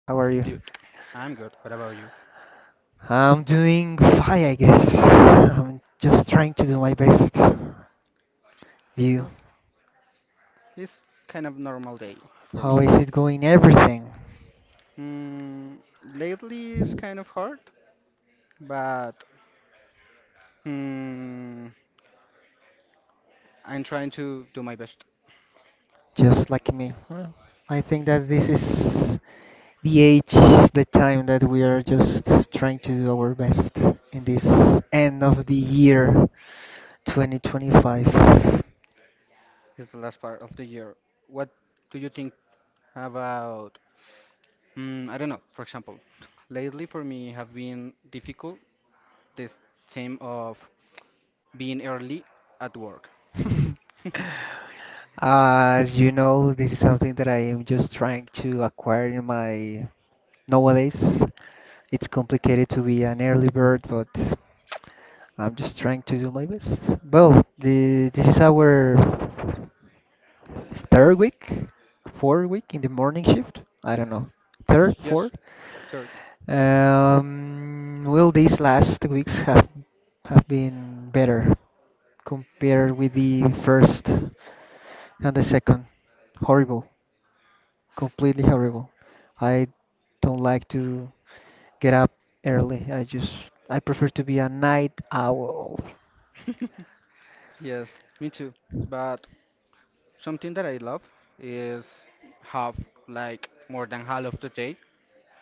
how are you? Dude, I'm good. What about you? I'm doing fine, I guess. I'm just trying to do my best. You, Huh? It's kind of normal day for how me. is it going? Everything, Mm, lately it's kind of hard, but mm, I'm trying to do my best. just like me. Well, I think that this is the age, the time that we are just trying to do our best in this end of the year 2025. It's the last part of the year. What do you think about? I don't know. For example, lately for me have been difficult. This theme of being early at work. As you know, this is something that I am just trying to acquire in my nowadays. It's complicated to be an early bird, but I'm just trying to do my best. Well, this is our third week, fourth week in the morning shift. I don't know, third, Yes, fourth. third. Well, these last weeks have been better compared with the first and the second. Horrible, completely horrible. I don't like to get up early. I prefer to be a night owl. Yes, me too. But something that I love is have like more than half of the day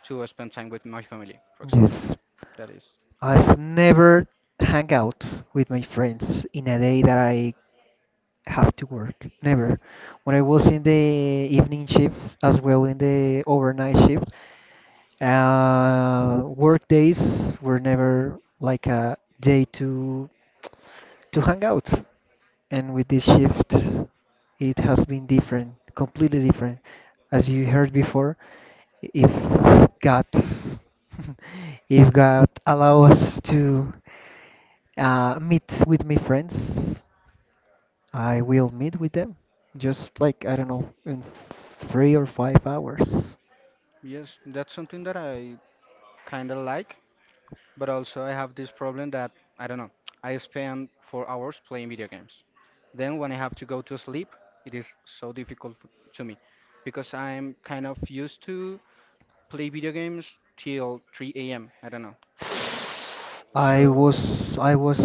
to spend time with my family, for example. Yes. That is, I've never hang out with my friends in a day that I have to work. Never. When I was in the evening shift as well in the overnight shift, work days were never like a day to hang out. And with this shift, it has been different, completely different. As you heard before, if God, if God allow us to meet with my friends, I will meet with them. Just like I don't know, in 3 or 5 hours. yes, that's something that I kind of like, but also I have this problem that I don't know. I spend 4 hours playing video games. Then when I have to go to sleep, it is so difficult to me because I'm kind of used to play video games till 3 a.m. I don't know. I So, was I was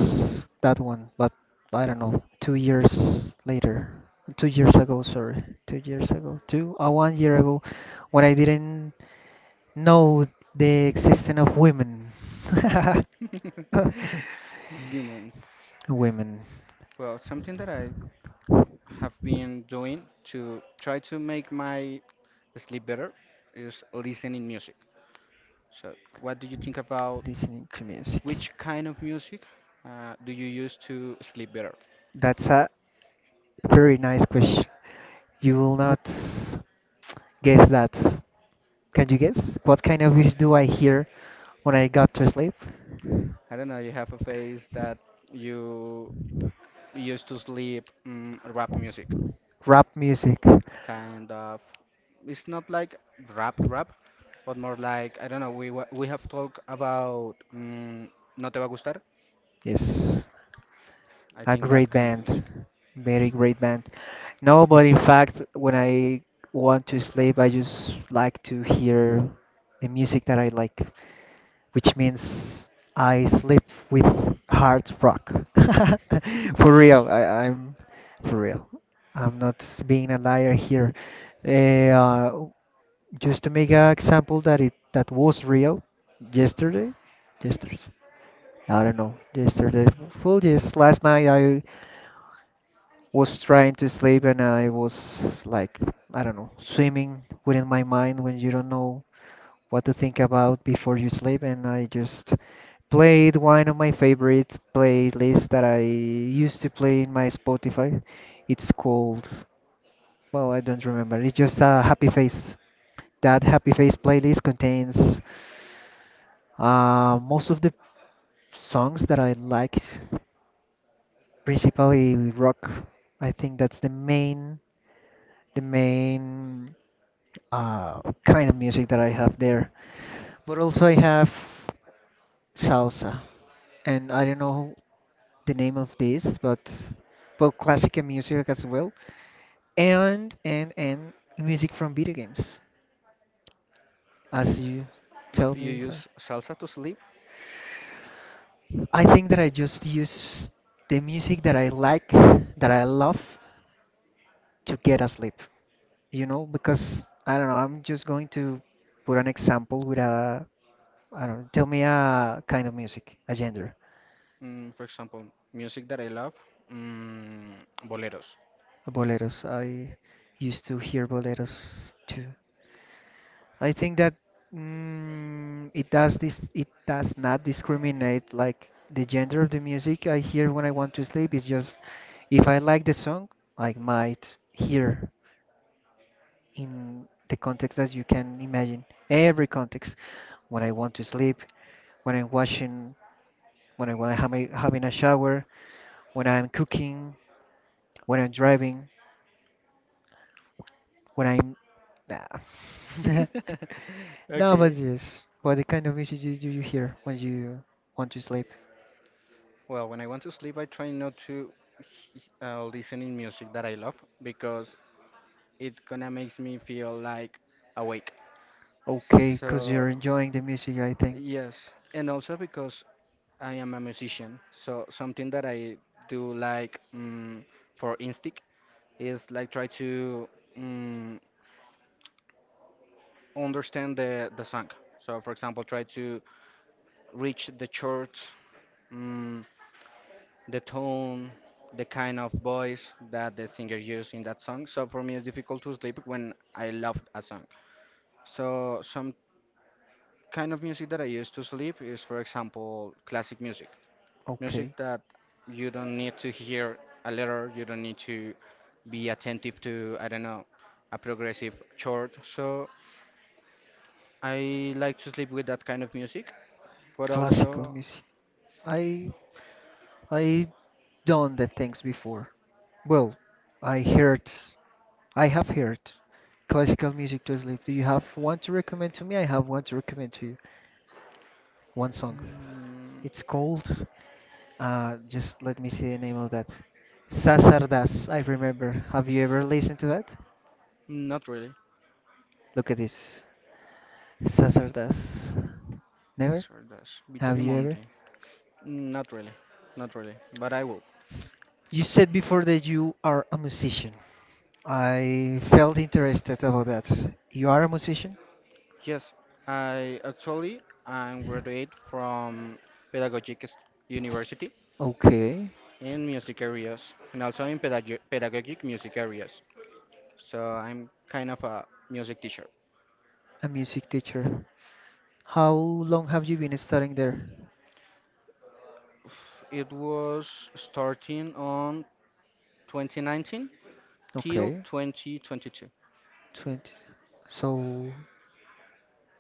that one, but I don't know, 2 years later, 2 years ago, sorry, 2 years ago, two 1 year ago, when I didn't know the existence of women, humans. women Well, something that I have been doing to try to make my sleep better is listening music. So, what do you think about listening to music. which kind of music do you use to sleep better? That's a very nice question. You will not guess that. Can you guess? What kind of music do I hear when I got to sleep? I don't know. You have a phase that you used to sleep rap music, Rap music. kind of. It's not like rap rap, but more like I don't know. We have talked about no te va a gustar. Yes, I a think that great kind of band. music. Very great band. No, but in fact, when I want to sleep, I just like to hear the music that I like, which means I sleep with hard rock. For real, I'm for real. I'm not being a liar here. Eh, Uh, just to make an example that it that was real yesterday, yesterday. I don't know. Yesterday, well, yes, last night I was trying to sleep and I was like, I don't know, swimming within my mind when you don't know what to think about before you sleep, and I just played one of my favorite playlists that I used to play in my Spotify. It's called, well, I don't remember. It's just a happy face. That happy face playlist contains most of the songs that I liked, principally rock. I think that's the main uh, kind of music that I have there. But also I have salsa. And I don't know the name of this, but classical music as well. And music from video games, as you tell But you me before. use salsa to sleep. I think that I just use the music that I like, that I love, to get asleep. You know, because I don't know. I'm just going to put an example with a, I don't know. Tell me a kind of music, a genre. For example, music that I love, mm, boleros. Boleros. I used to hear boleros too. I think that it does this. It does not discriminate like the gender of the music I hear when I want to sleep. It's just if I like the song, I might hear in the context that you can imagine. Every context. When I want to sleep, when I'm washing, when I'm having a shower, when I'm cooking, when I'm driving. When I'm nah. No, but Okay. yes. What kind of music do you hear when you want to sleep? Well, when I want to sleep, I try not to listen in music that I love because it gonna makes me feel like awake. Okay, because 'cause So you're enjoying the music, I think. yes, and also because I am a musician, so something that I do like for instinct is like try to mm understand the song. So for example, try to reach the church, mm, the tone, the kind of voice that the singer used in that song. So for me, it's difficult to sleep when I love a song. So some kind of music that I use to sleep is, for example, classic music, music Okay. that you don't need to hear a letter, you don't need to be attentive to, I don't know, a progressive chord. So I like to sleep with that kind of music, but Classical also music. I I done the things before. Well, I heard I have heard classical music to sleep. Do you have one to recommend to me? I have one to recommend to you. One song. mm, It's called. Just let me see the name of that. Sasardas, I remember. Have you ever listened to that? not really. Look at this. Sasardas. Never? Sure does. Have Vittorio you ever? Monti. Not really. Not really. But I will. You said before that you are a musician. I felt interested about that. You are a musician? Yes, I actually I'm graduate from Pedagogic University Okay. in music areas and also in pedagogic music areas. So I'm kind of a music teacher. A music teacher. How long have you been studying there? It was starting on 2019 till Okay. 2022, 20. So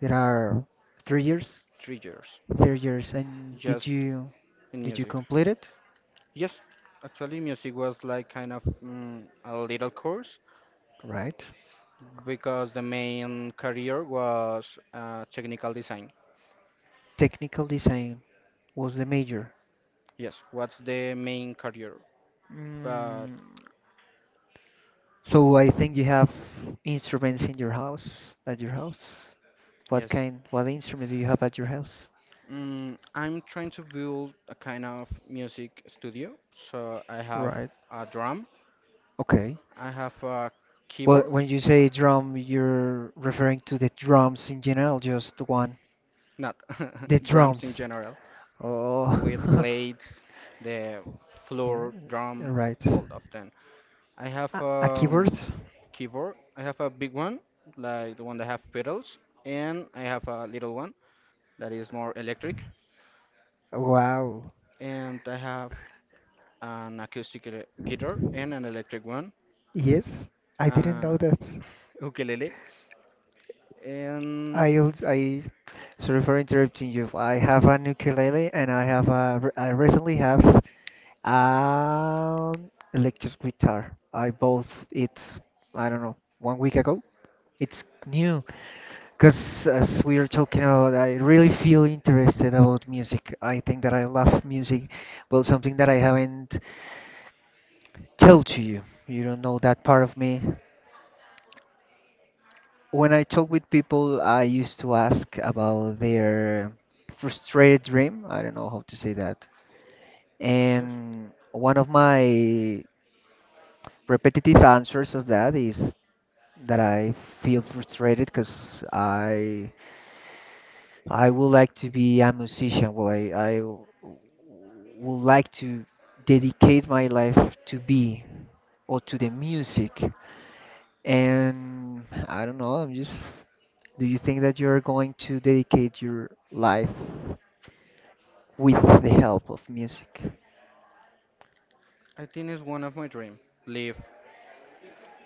there are 3 years? 3 years, 3 years. And just in did you music. complete it? Yes, actually music was like kind of a little course Right? because the main career was technical design. Technical design was the major. Yes, what's the main career? But Mm. So I think you have instruments in your house, at your house. What yes, kind, what instruments do you have at your house? I'm trying to build a kind of music studio. So I have Right. a drum, Okay. I have a Well, keyboard, when you say drum, you're referring to the drums in general, just the one. not The drums in drums. general, with Oh, plates, the Oh, floor yeah, drum, right. all of them. I have A keyboard? Keyboard. I have a big one, like the one that have pedals, and I have a little one that is more electric, Wow. and I have an acoustic guitar and an electric one, Yes, I didn't uh, know that. ukulele, and I sorry for interrupting you. I have an ukulele and I have a I recently have an electric guitar. I bought it, I don't know, 1 week ago. It's new because as we are talking about, I really feel interested about music. I think that I love music. Well, something that I haven't told to you. You don't know that part of me. When I talk with people, I used to ask about their frustrated dream. I don't know how to say that. just And one of my repetitive answers of that is that I feel frustrated because I would like to be a musician. Well, would like to dedicate my life to be or to the music. And I don't know, I'm just. Do you think that you're going to dedicate your life with the help of music? I think it's one of my dream live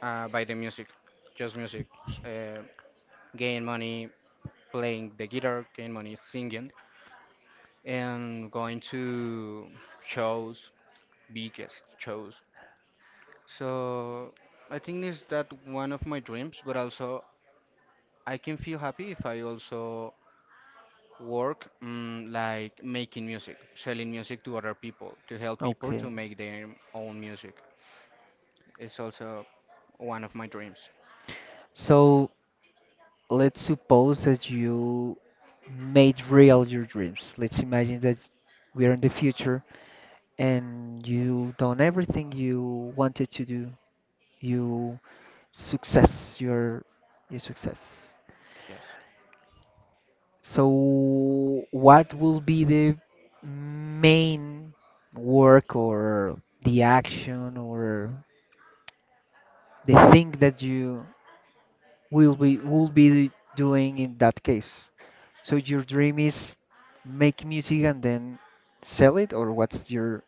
by the music, just music, gain money playing the guitar, gain money singing, and going to shows, biggest shows. So I think it's that one of my dreams, but also I can feel happy if I also work like making music, selling music to other people, to help people to Okay. make their own music. It's also one of my dreams. So let's suppose that you made real your dreams. Let's imagine that we're in the future and you done everything you wanted to do. You success your success. Yes. So, what will be the main work or the action or the thing that you will be doing in that case? So your dream is make music and then sell it, or what's your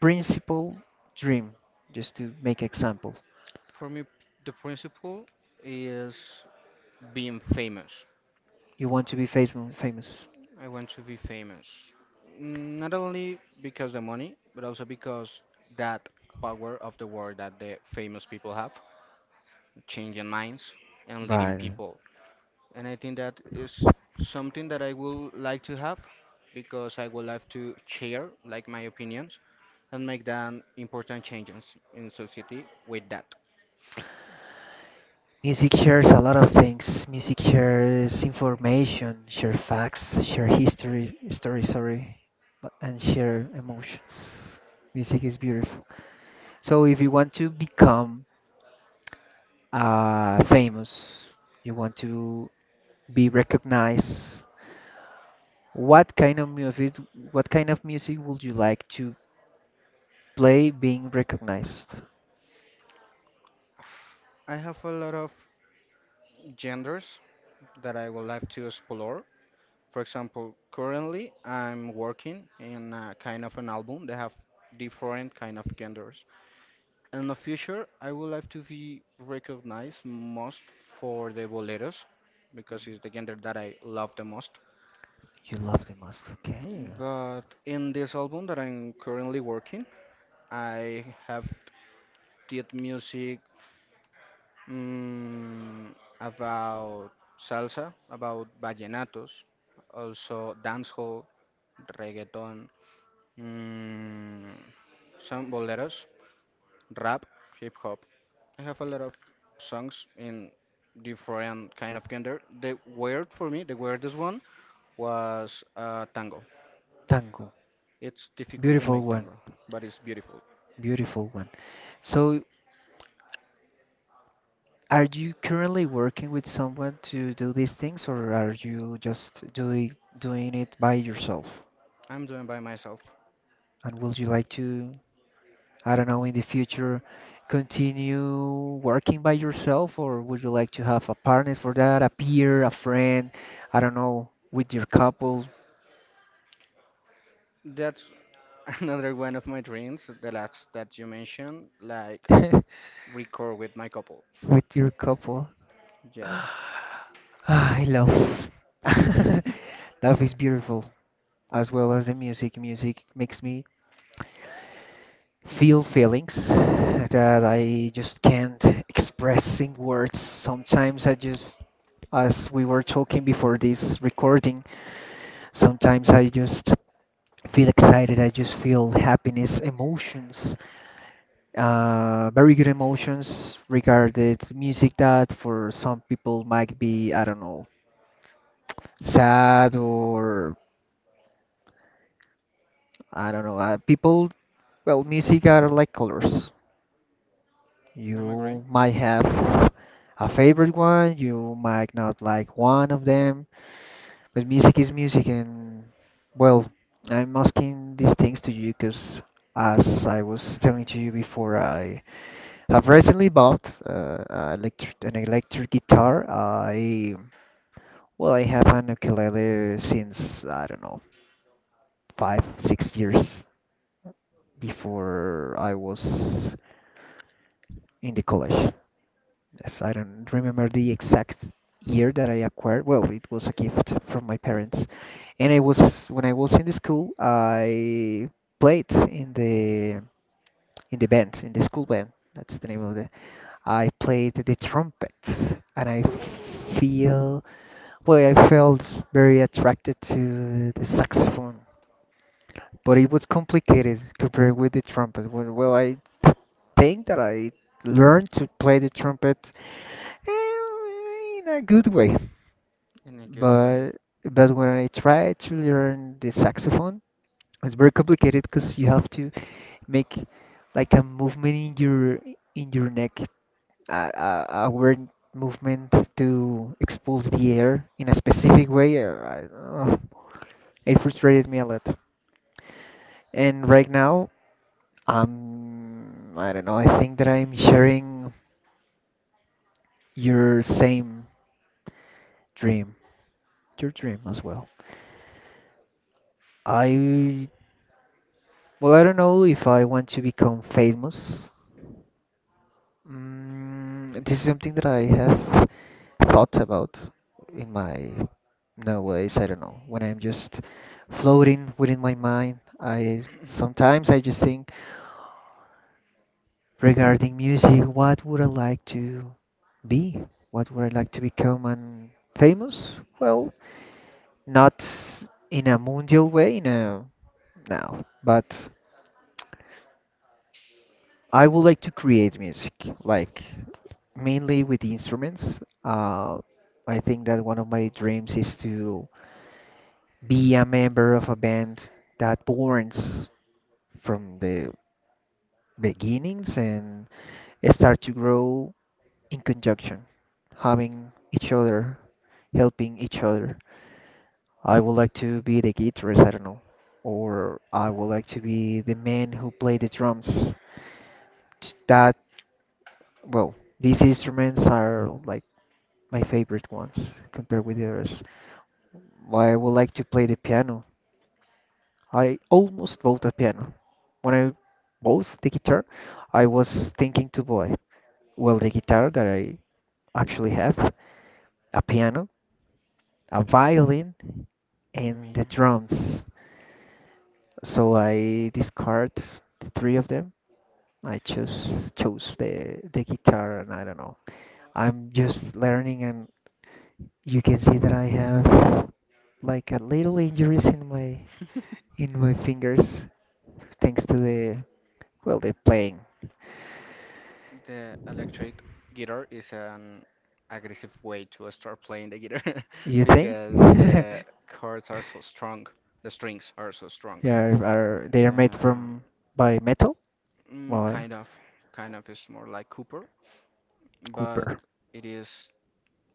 principal dream? Just to make example, For me, the principle is being famous. you want to be famous, famous, I want to be famous. Not only because the money, but also because that power of the word that the famous people have, changing minds and leading right? people. And I think that is something that I would like to have because I would like to share like my opinions and make them important changes in society with that. Music shares a lot of things. Music shares information, share facts, share history, story, sorry, and share emotions. Music is beautiful. So if you want to become famous, you want to be recognized, what kind of music, what kind of music would you like to play being recognized? I have a lot of genders that I would like to explore. For example, currently I'm working in a kind of an album that have different kind of genders. In the future, I would like to be recognized most for the boleros because it's the gender that I love the most. You love the most, okay? Hmm. But in this album that I'm currently working, I have did music mm, about salsa, about vallenatos, also dancehall, reggaeton, mm, some boleros, rap, hip hop. I have a lot of songs in different kind of gender. The weird for me, the weirdest one was tango. Tango. It's difficult to Beautiful make one, tango, but it's beautiful. beautiful one. So, are you currently working with someone to do these things, or are you just doing it by yourself? I'm doing by myself. And would you like to, I don't know, in the future, continue working by yourself, or would you like to have a partner for that, a peer, a friend, I don't know, with your couple, That's another one of my dreams, the last that you mentioned, like with record with my couple. your couple? Yes, I love. Love is beautiful, as well as the music. Music makes me feel feelings that I just can't express in words. Sometimes I just, as we were talking before this recording, sometimes I just feel excited. I just feel happiness, emotions, very good emotions regarded music that for some people might be, I don't know, sad or I don't know. People, well, music are like colors. I'm agree You might have a favorite one, you might not like one of them, but music is music, and well, I'm asking these things to you because, as I was telling to you before, I have recently bought a an electric guitar. I well, I have an ukulele since I don't know 5, 6 years before I was in the college. Yes, I don't remember the exact year that I acquired. Well, it was a gift from my parents. And I was when I was in the school, I played in the band, in the school band. That's the name of the. I played the trumpet, and I feel well, I felt very attracted to the saxophone, but it was complicated compared with the trumpet. Well, I think that I learned to play the trumpet in a good way. in a good way. But but when I try to learn the saxophone, it's very complicated because you have to make like a movement in your neck, a weird movement to expulse the air in a specific way. It frustrated me a lot. And right now, I don't know. I think that I'm sharing your same dream, your dream as well. I Well, I don't know if I want to become famous. This is something that I have thought about in my no ways. I don't know. When I'm just floating within my mind, I sometimes I just think regarding music, what would I like to be? What would I like to become? And famous? Well, not in a mundial way, no, no, but. I would like to create music, like mainly with instruments. I think that one of my dreams is to be a member of a band that borns from the beginnings and start to grow in conjunction, having each other, helping each other. I would like to be the guitarist, I don't know, or I would like to be the man who play the drums. That, well, these instruments are like my favorite ones compared with the others. Why I would like to play the piano. I almost bought a piano. When I bought the guitar, I was thinking to buy, well, the guitar that I actually have, a piano, a violin, and the Man, drums. So I discard the three of them. I chose the guitar, and I don't know. I'm just learning and you can see that I have like a little injuries in my fingers thanks to the well the playing. the electric guitar is an aggressive way to start playing the guitar You think? because the chords are so strong, the strings are so strong. Yeah, are they are made Uh, from by metal mm, or kind of, kind of is more like Cooper, but copper? it is.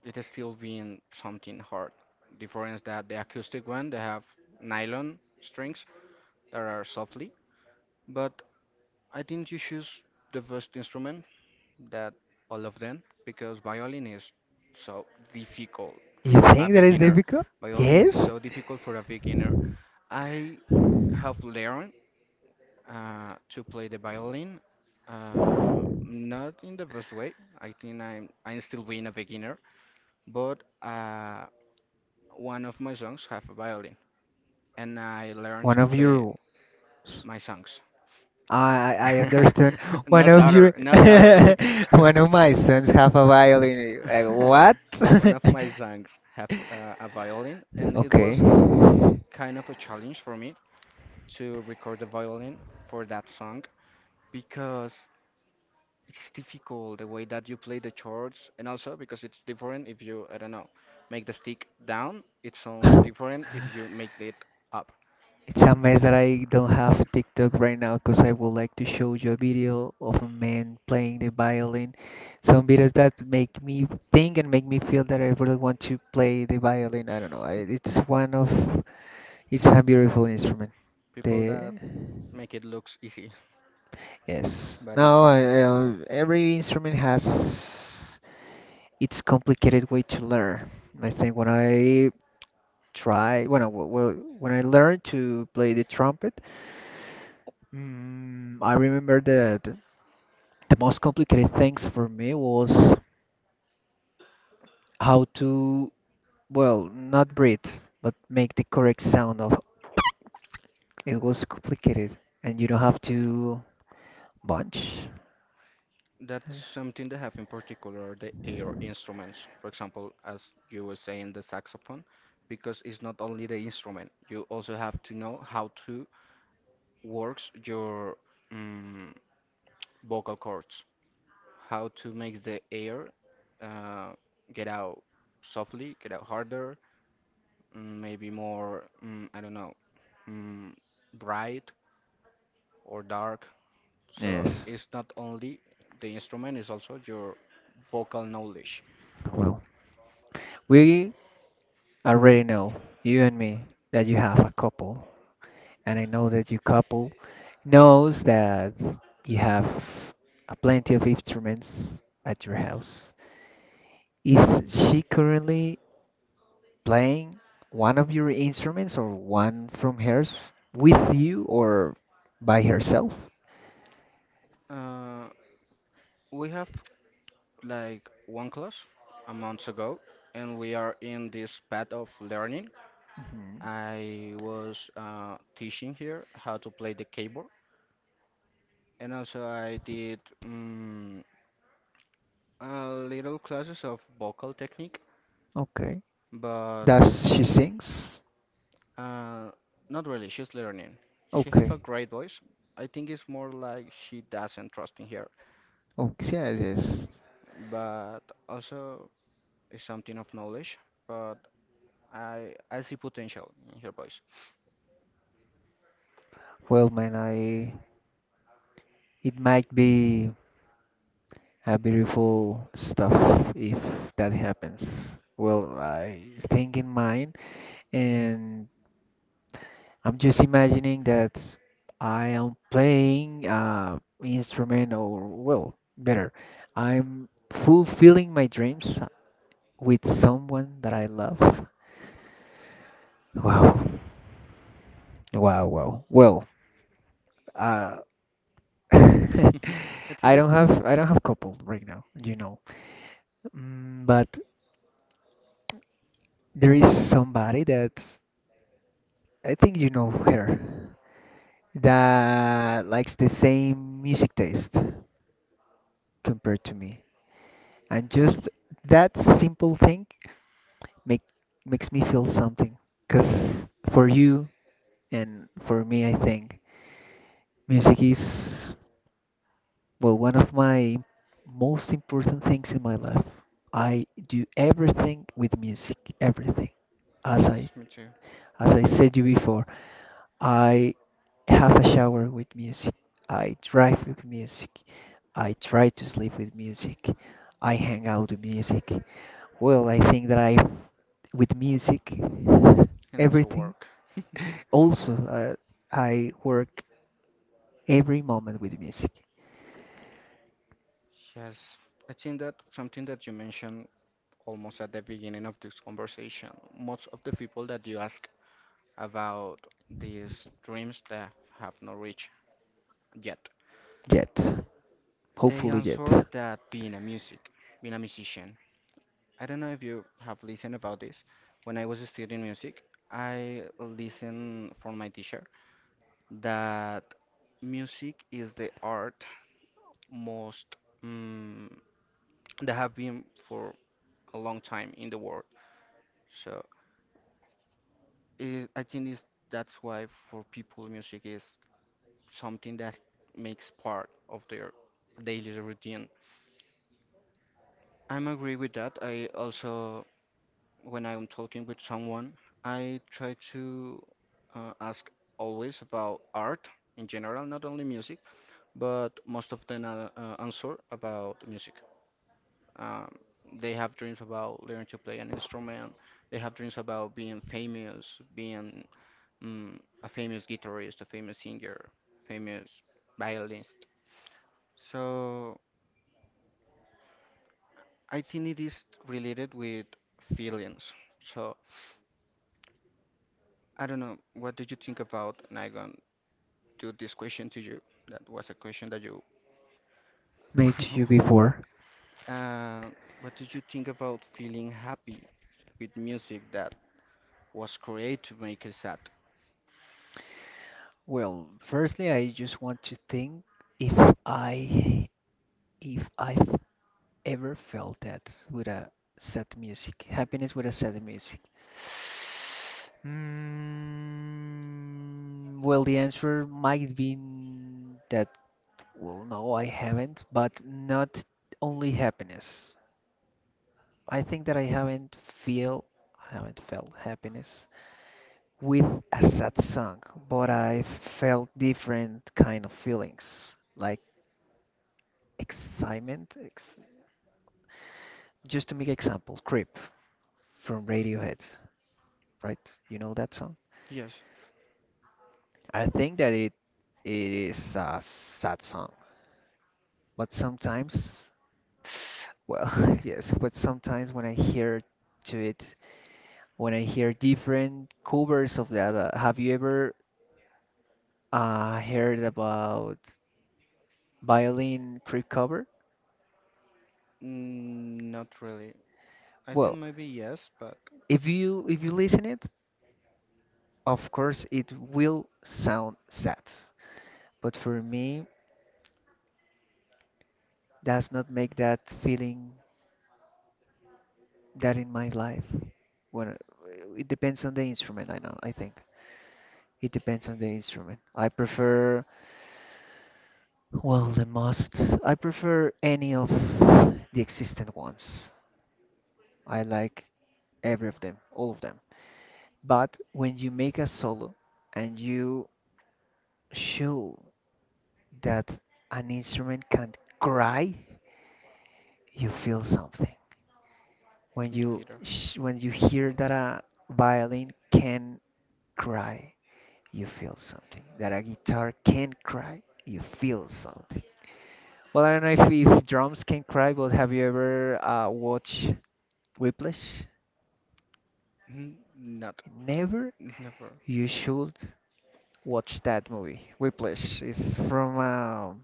It is still being something hard. Difference that the acoustic one they have nylon strings that are softly, but I think you choose the first instrument that all of them because violin is so difficult You for a think that is beginner. difficult? Violin is Yes. so difficult for a beginner. I have learned to play the violin, not in the best way. I think I'm still being a beginner, but One of my songs have a violin, and I learned One to of play your my songs. I understand. One No of your daughter, no daughter. one of my sons have a violin. Like, One of what? my songs have a violin, and it Okay. was kind of a challenge for me to record the violin for that song because it's difficult the way that you play the chords, and also because it's different if you, I don't know, make the stick down, it sounds different if you make it up. It's a mess that I don't have TikTok right now because I would like to show you a video of a man playing the violin. Some videos that make me think and make me feel that I really want to play the violin. I don't know. I, it's one of, it's a beautiful instrument. People The, that make it looks easy. yes. But it Now, is not. I, every instrument has its complicated way to learn. I think when I try when I, w- w- when I learned to play the trumpet, I remember that the most complicated things for me was how to, well, not breathe, but make the correct sound of it was complicated, and you don't have to bunch. That's something that have in particular the air instruments. For example, as you were saying, the saxophone, because it's not only the instrument. You also have to know how to works your um, vocal cords, how to make the air uh, get out softly, get out harder, maybe more, I don't know, mm, bright or dark. So Yes. it's not only the instrument, it's also your vocal knowledge. Well, we already know, you and me, that you have a couple, and I know that your couple knows that you have a plenty of instruments at your house. Is she currently playing one of your instruments or one from hers with you or by herself? Uh, we have like one class a month ago, and we are in this path of learning. Hmm. I was teaching here how to play the keyboard, and also I did a little classes of vocal technique, Okay. but Does she sings? uh, not really. She's learning. She have Okay. a great voice. I think it's more like she doesn't trust in her, Oh, yes, yes. but also it's something of knowledge. But I see potential in her voice. Well, man, I it might be a beautiful stuff if that happens. Well, I think in mine, and I'm just imagining that I am playing instrument or well, better, I'm fulfilling my dreams with someone that I love. Wow. Wow, wow. Well, uh I think I that, don't have I don't have couple right now, you know. But there is somebody that I think you know her that likes the same music taste compared to me, and just that simple thing make makes me feel something because for you and for me I think music is well one of my most important things in my life. I do everything with music, everything. as i yes, me too. as i said you before, I have a shower with music. I drive with music. I try to sleep with music. I hang out with music. Well, I think that I, with music, And also everything. work. Also, I work every moment with music. Yes, I think that something that you mentioned almost at the beginning of this conversation, most of the people that you ask about these dreams that have not reached yet, Yet, they hopefully, yet. answer that being a music, being a musician. I don't know if you have listened about this. When I was studying music, I listened from my teacher that music is the art most. mm that have been for a long time in the world. So it, I think it's, that's why for people, music is something that makes part of their daily routine. I'm agree with that. I also, when I'm talking with someone, I try to ask always about art in general, not only music, but most of them answer about music. Um, they have dreams about learning to play an instrument. They have dreams about being famous, being a famous guitarist, a famous singer, famous violinist. So I think it is related with feelings. So I don't know. What do you think about? And I'm gonna do this question to you? That was a question that you. Made you before? uh, what do you think about feeling happy with music that was created to make us sad? Well, firstly, I just want to think if I, if I ever felt that with a sad music? Happiness with a sad music. Well, the answer might be that, well, no, I haven't, but not only happiness. I think that feel, I haven't felt happiness with a sad song, but I felt different kind of feelings, like excitement. Ex Just to make example, Creep from Radiohead. Right? You know that song? Yes. I think that it is a sad song, but sometimes, well, yes, but sometimes when I hear to it, when I hear different covers of that, have you ever heard about violin creep cover? Mm, not really. I think Well, maybe yes, but if you listen it, of course it will sound sad, but for me, does not make that feeling that in my life. When it depends on the instrument, I know. I think it depends on the instrument. I prefer, well, the most. I prefer any of the existent ones. I like every of them, all of them. But when you make a solo and you show that an instrument can cry, you feel something. When you neither. sh when you hear that a violin can cry, you feel something. That a guitar can cry, you feel something. Well, I don't know if drums can cry, but have you ever watched Whiplash? Mm, not. Never? Never. You should watch that movie. Whiplash is from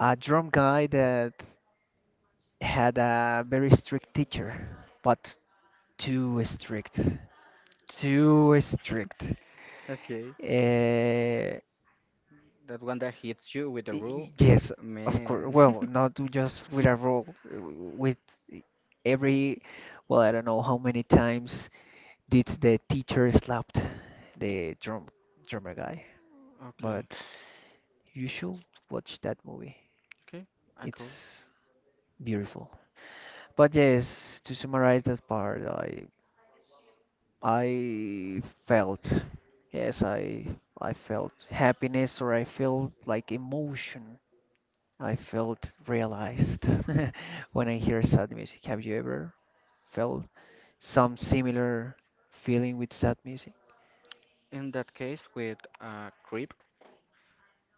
a drum guy that had a very strict teacher, but too strict. Too strict. Okay. Uh, That one that hits you with the Y- rule? Yes, of course. Man. Well, not do just with a roll, with every, well, I don't know how many times did the teacher slapped the drummer guy, Okay. but you should watch that movie. Okay. I cool. It's beautiful. But yes, to summarize that part, I felt yes, I felt happiness or I felt like emotion I felt realized when I hear sad music. Have you ever felt some similar feeling with sad music? In that case, with creep,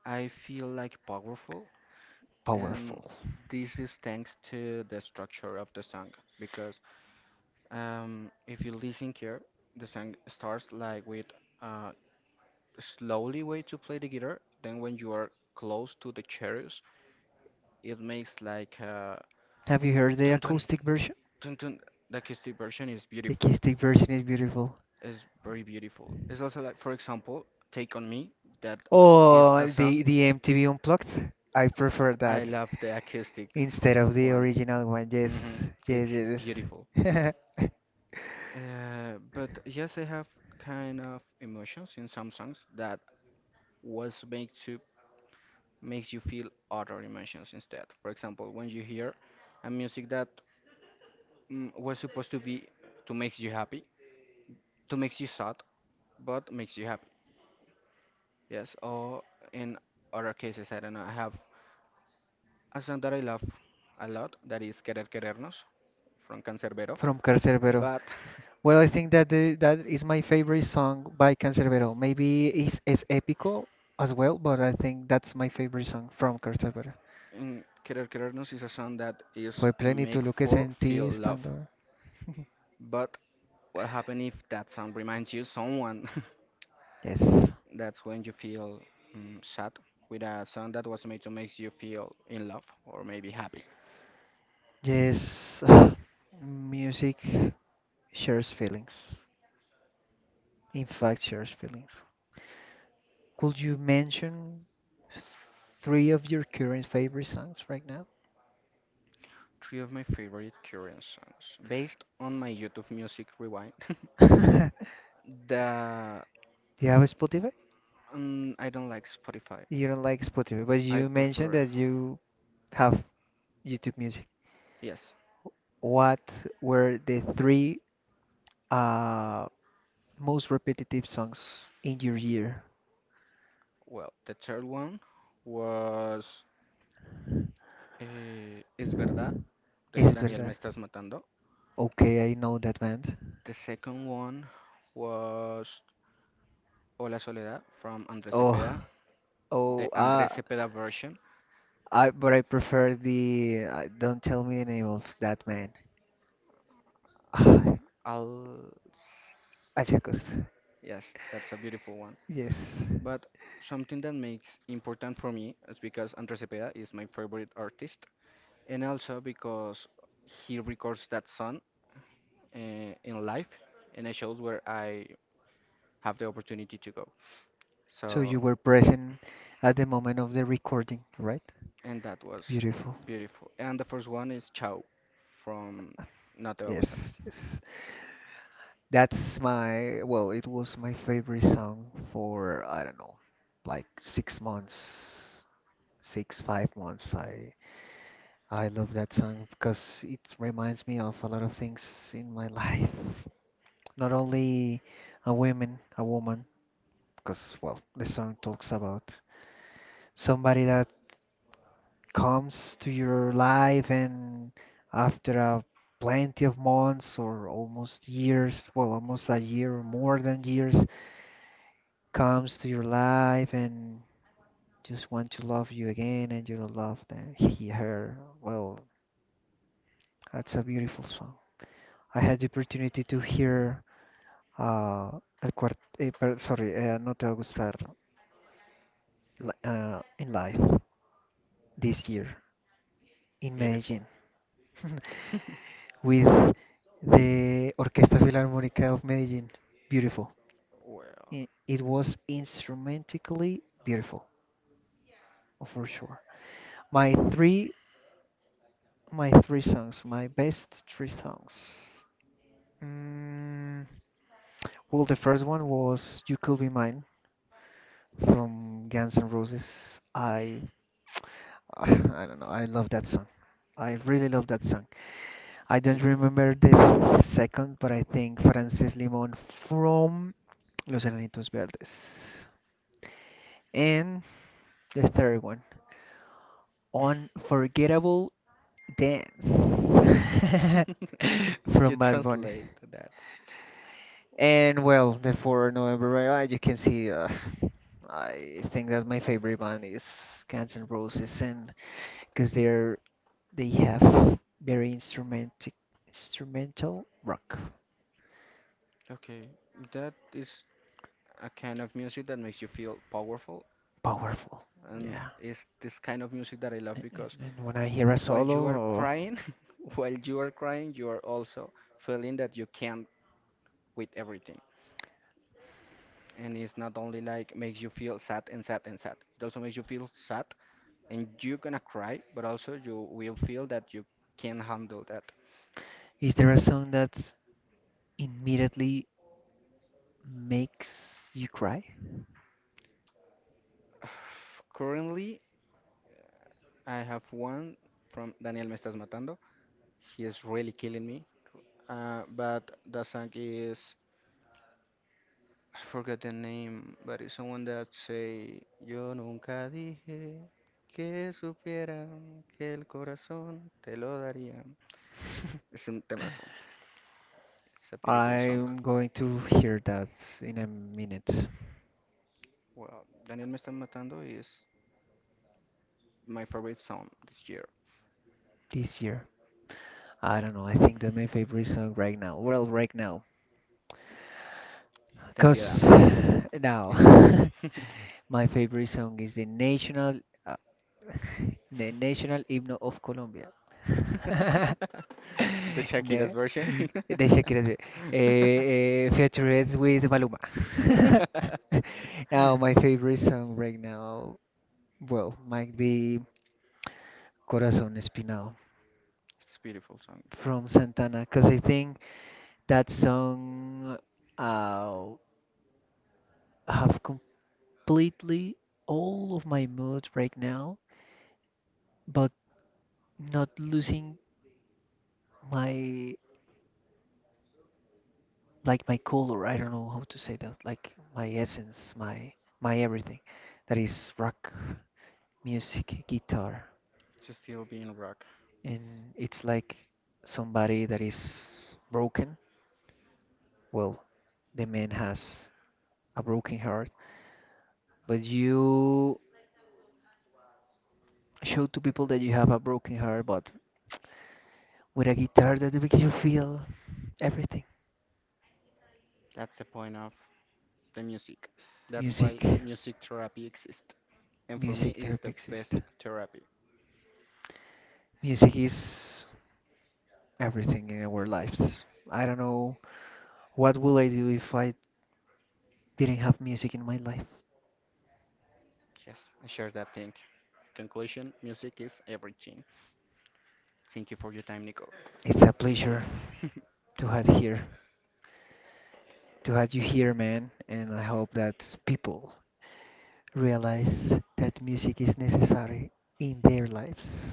I feel like powerful, and Powerful. this is thanks to the structure of the song. Because if you listen here, the song starts like with uh, slowly way to play the guitar. Then when you are close to the cherries, it makes like Have you heard the dun dun acoustic version? dun dun. The acoustic version is The beautiful. acoustic version is beautiful. It's very beautiful. It's also like, for example, "Take on Me." That is a Oh, song. the MTV Unplugged. I prefer I that love the acoustic instead of the one. original one. Yes, Hmm. yes, It's yes. beautiful. Yes. But yes, I have kind of emotions in some songs that was made to makes you feel other emotions instead. For example, when you hear a music that was supposed to be to makes you happy, to makes you sad, but makes you happy. Yes. Or in other cases, I don't know. I have a song that I love a lot that is Querer Querernos from Cancerbero, From Carcerbero. but Well, I think that the, that is my favorite song by Canserbero. Maybe it's Épico as well, but I think that's my favorite song from Canserbero. in Querer Querernos is a song that is Fue plenitud make lo que for sentí feel love. estando. But what happen if that song reminds you someone? Yes. That's when you feel sad with a song that was made to make you feel in love or maybe happy. Yes. Music shares feelings. In fact, shares feelings. Could you mention three of your current favorite songs right now? Three of my favorite current songs based on my YouTube Music Rewind. Do the you have a Spotify? I don't like Spotify. You don't like Spotify, but I you mentioned prefer that you have YouTube music. yes. What were the three uh, most repetitive songs in your year? Well, the third one was Es verdad de Es Daniel Me verdad. estás matando. Okay, I know that band. The second one was Hola Soledad from Andrés Cepeda, Oh, oh, the Andrés Cepeda version. I but I prefer the Don't Tell Me the Name of That Man. Ah, I'll Achacos. Yes, that's a beautiful one. Yes. But something that makes important for me is because Andrés Cepeda is my favorite artist, and also because he records that song uh, in live, and it shows where I have the opportunity to go. So So, you were present at the moment of the recording, right? and that was Beautiful. beautiful. And the first one is Ciao from No Te Va a Gustar. Yes, yes. That's my, well, it was my favorite song for, I don't know, like 6 months, six, 5 months. I love that song because it reminds me of a lot of things in my life. Not only a woman, because, well, the song talks about somebody that comes to your life and after a plenty of months or almost years, well, almost a year or more than years comes to your life and just want to love you again and you don't love them, he, her. Well, that's a beautiful song. I had the opportunity to hear uh, El Cuart eh, per- sorry, No Te Va a Gustar in live this year in Beautiful. Medellin with the Orquesta Filarmónica of Medellin. Beautiful. Well, It was instrumentally beautiful, oh, for sure. My three My three songs, my best three songs. Mm, well, the first one was "You Could Be Mine" from Guns N' Roses. I don't know. I love that song. I really love that song. it's I don't beautiful. remember the second, but I think Frances Limon from Los Enanitos Verdes. And the third one, Unforgettable Dance If you from Bad Bunny. translate that. And well, the 4 November, right, you can see, I think that my favorite band is Guns N' Roses, and because they have very instrumentic instrumental rock, Okay, that is a kind of music that makes you feel powerful powerful, and yeah. it's this kind of music that I love And because and when I hear a while solo, you are or crying, while you are crying, you are also feeling that you can't with everything. And it's not only like makes you feel sad and sad and sad. It also makes you feel sad and you're gonna cry, but also you will feel that you can handle that. is there a song that immediately makes you cry? Currently, I have one from Daniel Me Estás Matando. He is really killing me. But the song is I forgot the name, but it's someone that say, Yo nunca dije que supieran que el corazón te lo daría. Es un temazo. It's a beautiful song. I'm going to hear that in a minute Well, Daniel me está matando is my favorite song this year. this year. I don't know. I think that my favorite song right now. Well, right now, Ten piedad. cause It's the name. now my favorite song is the national uh, the national hymn of Colombia. The Shakira's the, version. the Shakira's way. Eh, eh, featured with Maluma. It's a Now my favorite song right now, well, might be Corazón Espinado beautiful song. from Santana, cause I think that song uh, have completely all of my mood right now, but not losing my like my color. I don't know how to say that. Like my essence, my everything. That is rock music, guitar, It's still being rock. and it's like somebody that is broken. Well, the man has a broken heart, but you show to people that you have a broken heart, but with a guitar that makes you feel everything. That's the point of the music. That's Music. why music therapy exists. And for me, Music it's therapy the exists. best therapy. Music is everything in our lives. I don't know what will I do if I didn't have music in my life. Yes, I share that thing. Conclusion music is everything. Thank you for your time, Nico. It's a pleasure to have here, to have you here, man, and I hope that people realize that music is necessary in their lives.